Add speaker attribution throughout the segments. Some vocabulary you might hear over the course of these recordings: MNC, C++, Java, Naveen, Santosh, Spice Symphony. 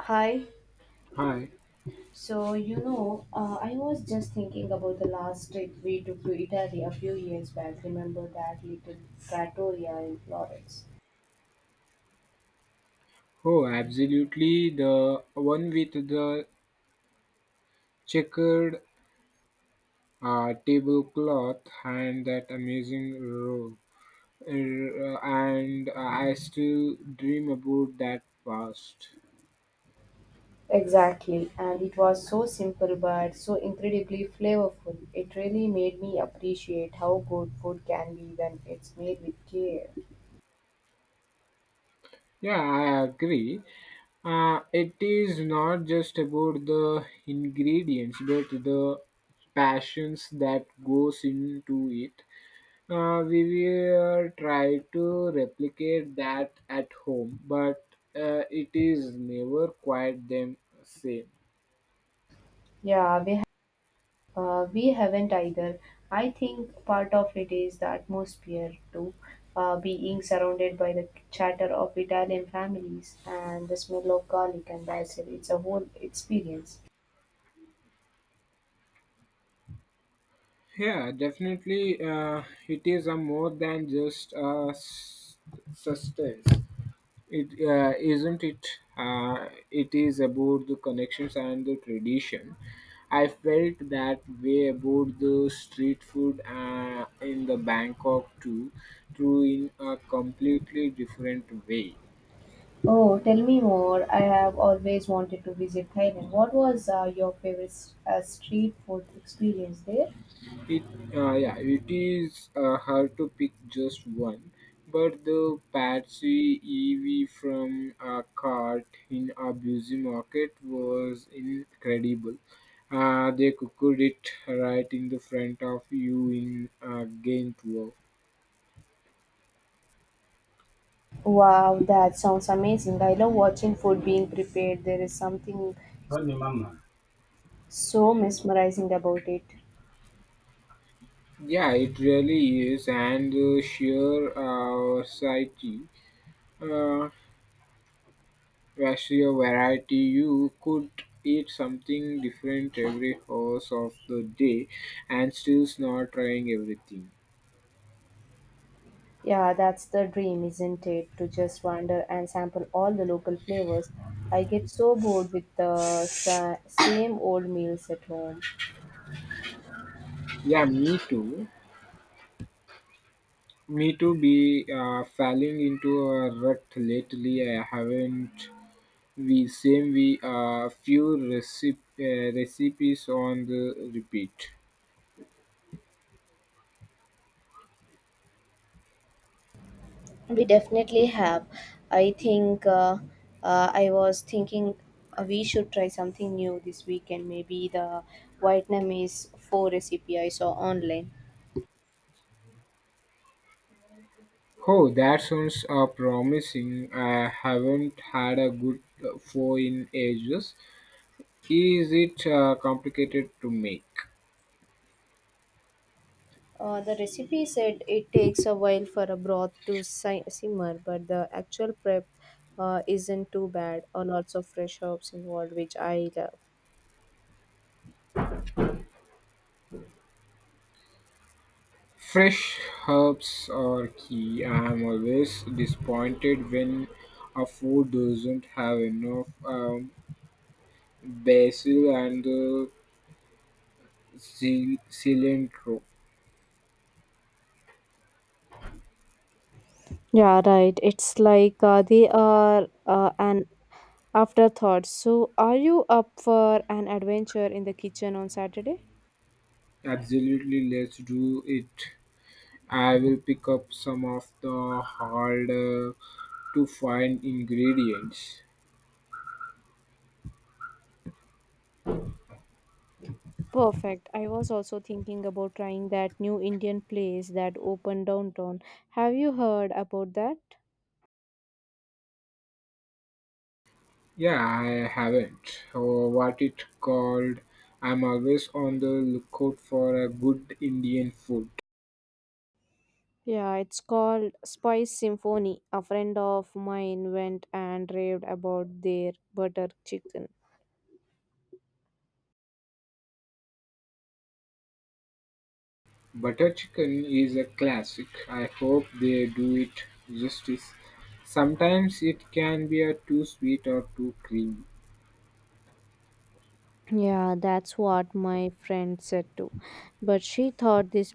Speaker 1: Hi.
Speaker 2: Hi.
Speaker 1: So, I was just thinking about the last trip we took to Italy a few years back. Remember that little trattoria in Florence?
Speaker 2: Oh, absolutely. The one with the checkered tablecloth and that amazing robe. And I still dream about that past.
Speaker 1: Exactly. And it was so simple but so incredibly flavorful. It really made me appreciate how good food can be when it's made with care.
Speaker 2: Yeah, I agree. It is not just about the ingredients, but the passions that goes into it. We will try to replicate that at home, but it is never quite the same.
Speaker 1: Yeah, we haven't either. I think part of it is the atmosphere too, being surrounded by the chatter of Italian families and the smell of garlic and basil. It's a whole experience.
Speaker 2: Yeah, definitely, it is a more than just a sustenance. It isn't it. It is about the connections and the tradition. I felt that way about the street food in the Bangkok too, through in a completely different way.
Speaker 1: Oh, tell me more. I have always wanted to visit Thailand. What was your favorite street food experience there?
Speaker 2: It yeah, it is hard to pick just one, but the Patsy EV from a cart in a busy market was incredible. They cooked it right in the front of you in a game tour.
Speaker 1: Wow, that sounds amazing. I love watching food being prepared. There is something
Speaker 2: Run your mama.
Speaker 1: so mesmerizing about it.
Speaker 2: Yeah, it really is, and the sheer sight, ratio variety you could eat something different every hours of the day and still not trying everything.
Speaker 1: Yeah, that's the dream, isn't it? To just wander and sample all the local flavors. I get so bored with the same old meals at home.
Speaker 2: Yeah, me too. Me too be falling into a rut lately. I haven't, we same we few recipes on the repeat.
Speaker 1: We definitely have. I think I was thinking we should try something new this weekend. Maybe the Vietnamese pho recipe I saw online.
Speaker 2: Oh, that sounds promising. I haven't had a good foe in ages. Is it complicated to make?
Speaker 1: The recipe said it takes a while for a broth to simmer, but the actual prep isn't too bad. Lots of fresh herbs involved, which I love.
Speaker 2: Fresh herbs are key. I am always disappointed when a food doesn't have enough basil and cilantro.
Speaker 1: Yeah, right. It's like they are an afterthought. So, are you up for an adventure in the kitchen on Saturday?
Speaker 2: Absolutely, let's do it. I will pick up some of the harder to find ingredients.
Speaker 1: Perfect. I was also thinking about trying that new Indian place that opened downtown. Have you heard about that?
Speaker 2: Yeah, I haven't. Or what it called? I'm always on the lookout for a good Indian food.
Speaker 1: Yeah, it's called Spice Symphony. A friend of mine went and raved about their butter chicken.
Speaker 2: Butter chicken is a classic. I hope they do it justice. Sometimes it can be a too sweet or too creamy.
Speaker 1: Yeah, that's what my friend said too. But she thought this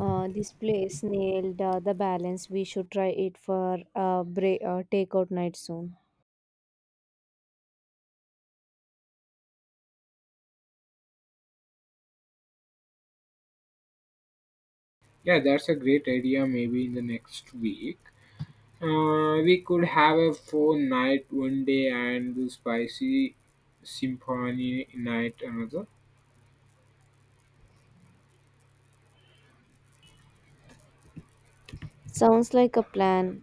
Speaker 1: uh, this place nailed the balance. We should try it for a break, takeout night soon.
Speaker 2: Yeah, that's a great idea. Maybe in the next week, we could have a phone night one day and the spicy symphony night another.
Speaker 1: Sounds like a plan.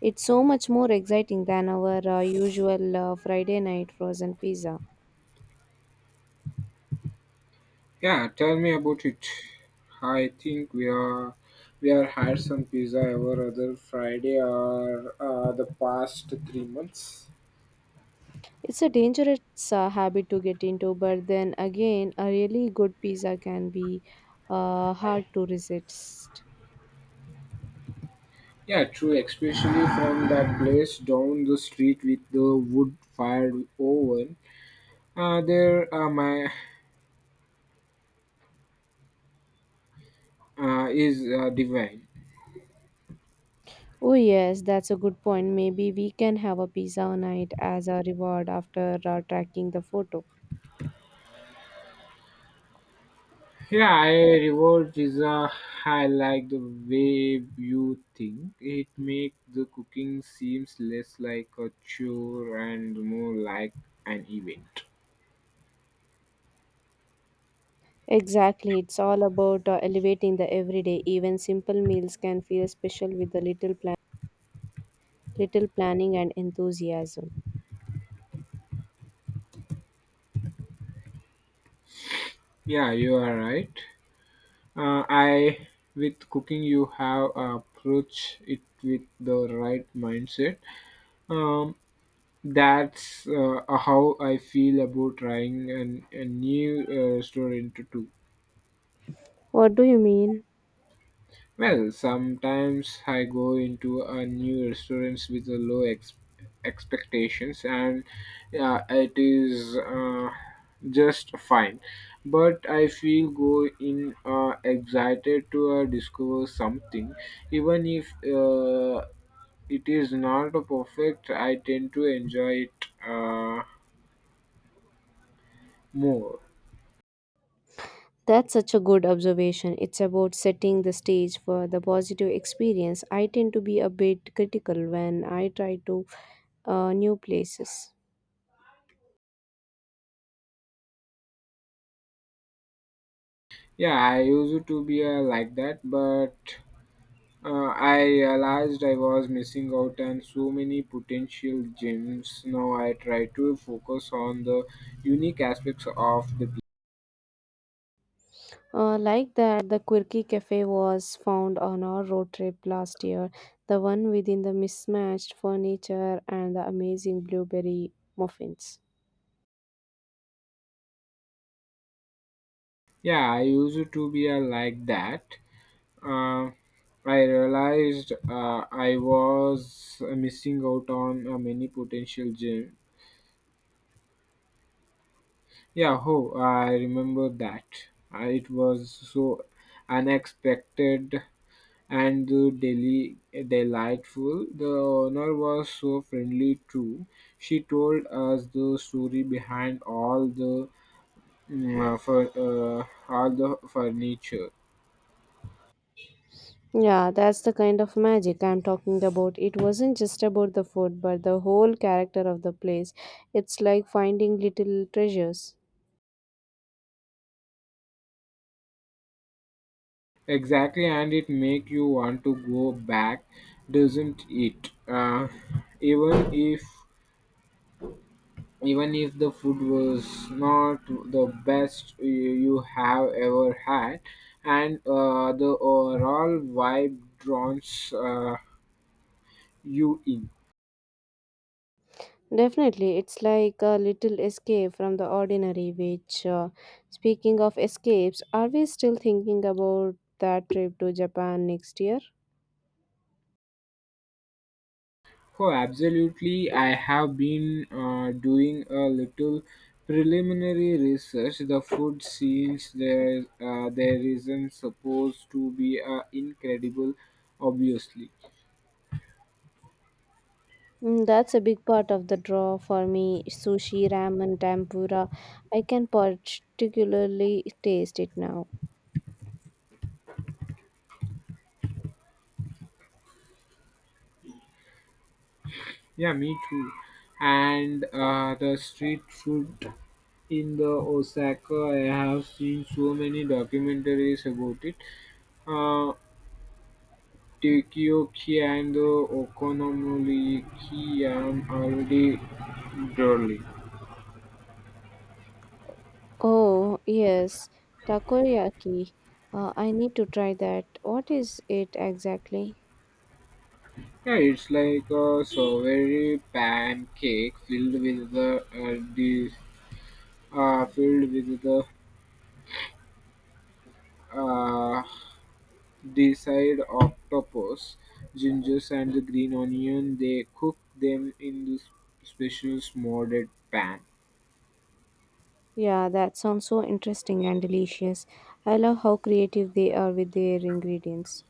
Speaker 1: It's so much more exciting than our usual Friday night frozen pizza.
Speaker 2: Yeah, tell me about it. I think we are had some pizza every other Friday or the past 3 months.
Speaker 1: It's a dangerous habit to get into, but then again, a really good pizza can be hard to resist.
Speaker 2: Yeah, true, especially from that place down the street with the wood fired oven. There my is divine.
Speaker 1: Oh, yes, that's a good point. Maybe we can have a pizza night as a reward after tracking the photo.
Speaker 2: Yeah, I reward is I like the way you think. It make the cooking seems less like a chore and more like an event.
Speaker 1: Exactly, it's all about elevating the everyday. Even simple meals can feel special with a little little planning and enthusiasm.
Speaker 2: Yeah, you are right. I with cooking you have approach it with the right mindset. Um, That's how I feel about trying a new restaurant too.
Speaker 1: What do you mean?
Speaker 2: Well, sometimes I go into a new restaurants with a low expectations, and it is just fine. But I feel go in excited to discover something, even if it is not perfect. I tend to enjoy it uh, more.
Speaker 1: That's such a good observation. It's about setting the stage for the positive experience. I tend to be a bit critical when I try to new places.
Speaker 2: Yeah, I used to be like that, but I realized I was missing out on so many potential gems. Now I try to focus on the unique aspects of the.
Speaker 1: Like that, the quirky cafe was found on our road trip last year. The one within the mismatched furniture and the amazing blueberry muffins.
Speaker 2: Yeah, I used to be like that. Uh, I realized I was missing out on many potential gems. Yeah, oh, I remember that. It was so unexpected and the delightful. The owner was so friendly too. She told us the story behind all the mm, for all the furniture.
Speaker 1: Yeah, that's the kind of magic I'm talking about. It wasn't just about the food, but the whole character of the place. It's like finding little treasures.
Speaker 2: Exactly, and it make you want to go back, doesn't it? Even if even if the food was not the best you have ever had, and the overall vibe draws you in?
Speaker 1: Definitely, it's like a little escape from the ordinary. Speaking of escapes, are we still thinking about that trip to Japan next year?
Speaker 2: Oh, absolutely. I have been doing a little preliminary research. The food scenes there, there isn't supposed to be incredible, obviously.
Speaker 1: Mm, that's a big part of the draw for me. Sushi, ramen, tempura. I can particularly taste it now.
Speaker 2: Yeah, me too. And the street food in the Osaka, I have seen so many documentaries about it. Uh, Takoyaki and the Okonomiyaki, I'm already drooling.
Speaker 1: Oh, yes, takoyaki. I need to try that. What is it exactly?
Speaker 2: Yeah, it's like a strawberry pancake filled with the uh, desired octopus, gingers, and the green onion. They cook them in this special smolded pan.
Speaker 1: Yeah, that sounds so interesting and delicious. I love how creative they are with their ingredients.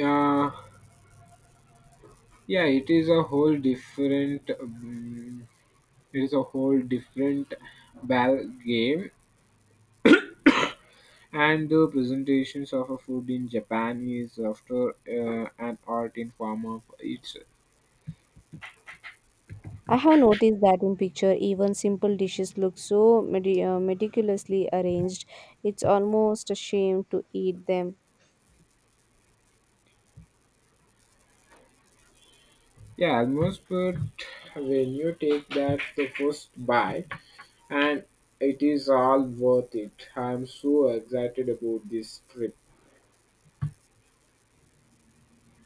Speaker 2: Uh, yeah, it is a whole different. It is a whole different ball game. And the presentations of a food in Japan is after an art in form of it's
Speaker 1: I have noticed that in picture, even simple dishes look so meticulously arranged. It's almost a shame to eat them.
Speaker 2: yeah almost but when you take that the first bite and it is all worth it. I'm so excited about this trip.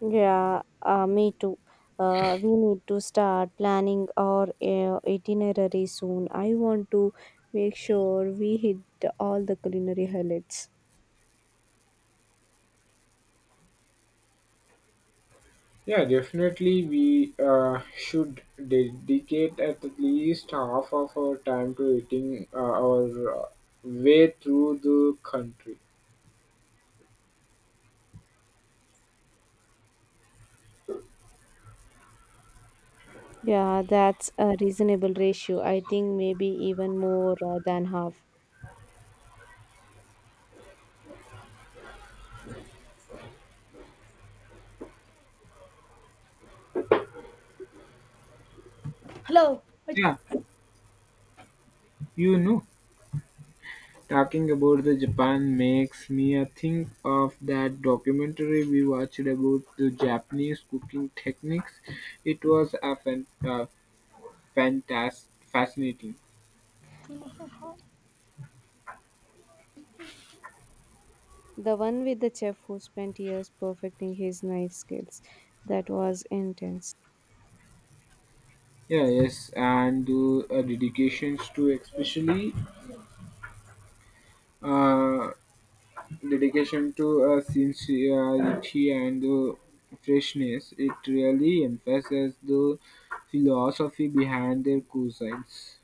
Speaker 1: Yeah, me too. We need to start planning our itinerary soon. I want to make sure we hit all the culinary highlights.
Speaker 2: Yeah, definitely we should dedicate at least half of our time to eating our way through the country.
Speaker 1: Yeah, that's a reasonable ratio. I think maybe even more than half. Hello.
Speaker 2: Yeah, you know, talking about the Japan makes me think of that documentary we watched about the Japanese cooking techniques. It was fantas- fascinating.
Speaker 1: The one with the chef who spent years perfecting his knife skills. That was intense.
Speaker 2: Yeah, yes, and the uh, dedication to sincerity and the freshness. It really emphasizes the philosophy behind their cuisines.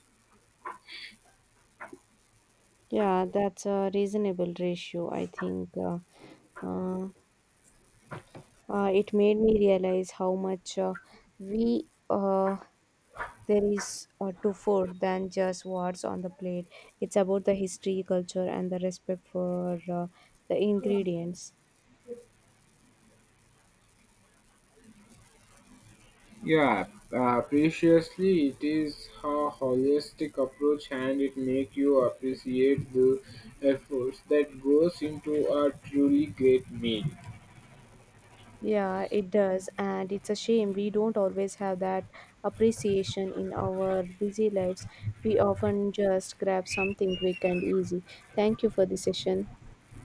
Speaker 1: Yeah, that's a reasonable ratio, I think. Uh, it made me realize how much we there is to food than just what's on the plate. It's about the history, culture, and the respect for the ingredients.
Speaker 2: Yeah, preciously it is a holistic approach and it make you appreciate the efforts that goes into a truly great meal.
Speaker 1: Yeah, it does. And it's a shame we don't always have that appreciation in our busy lives. We often just grab something quick and easy. Thank you for the session.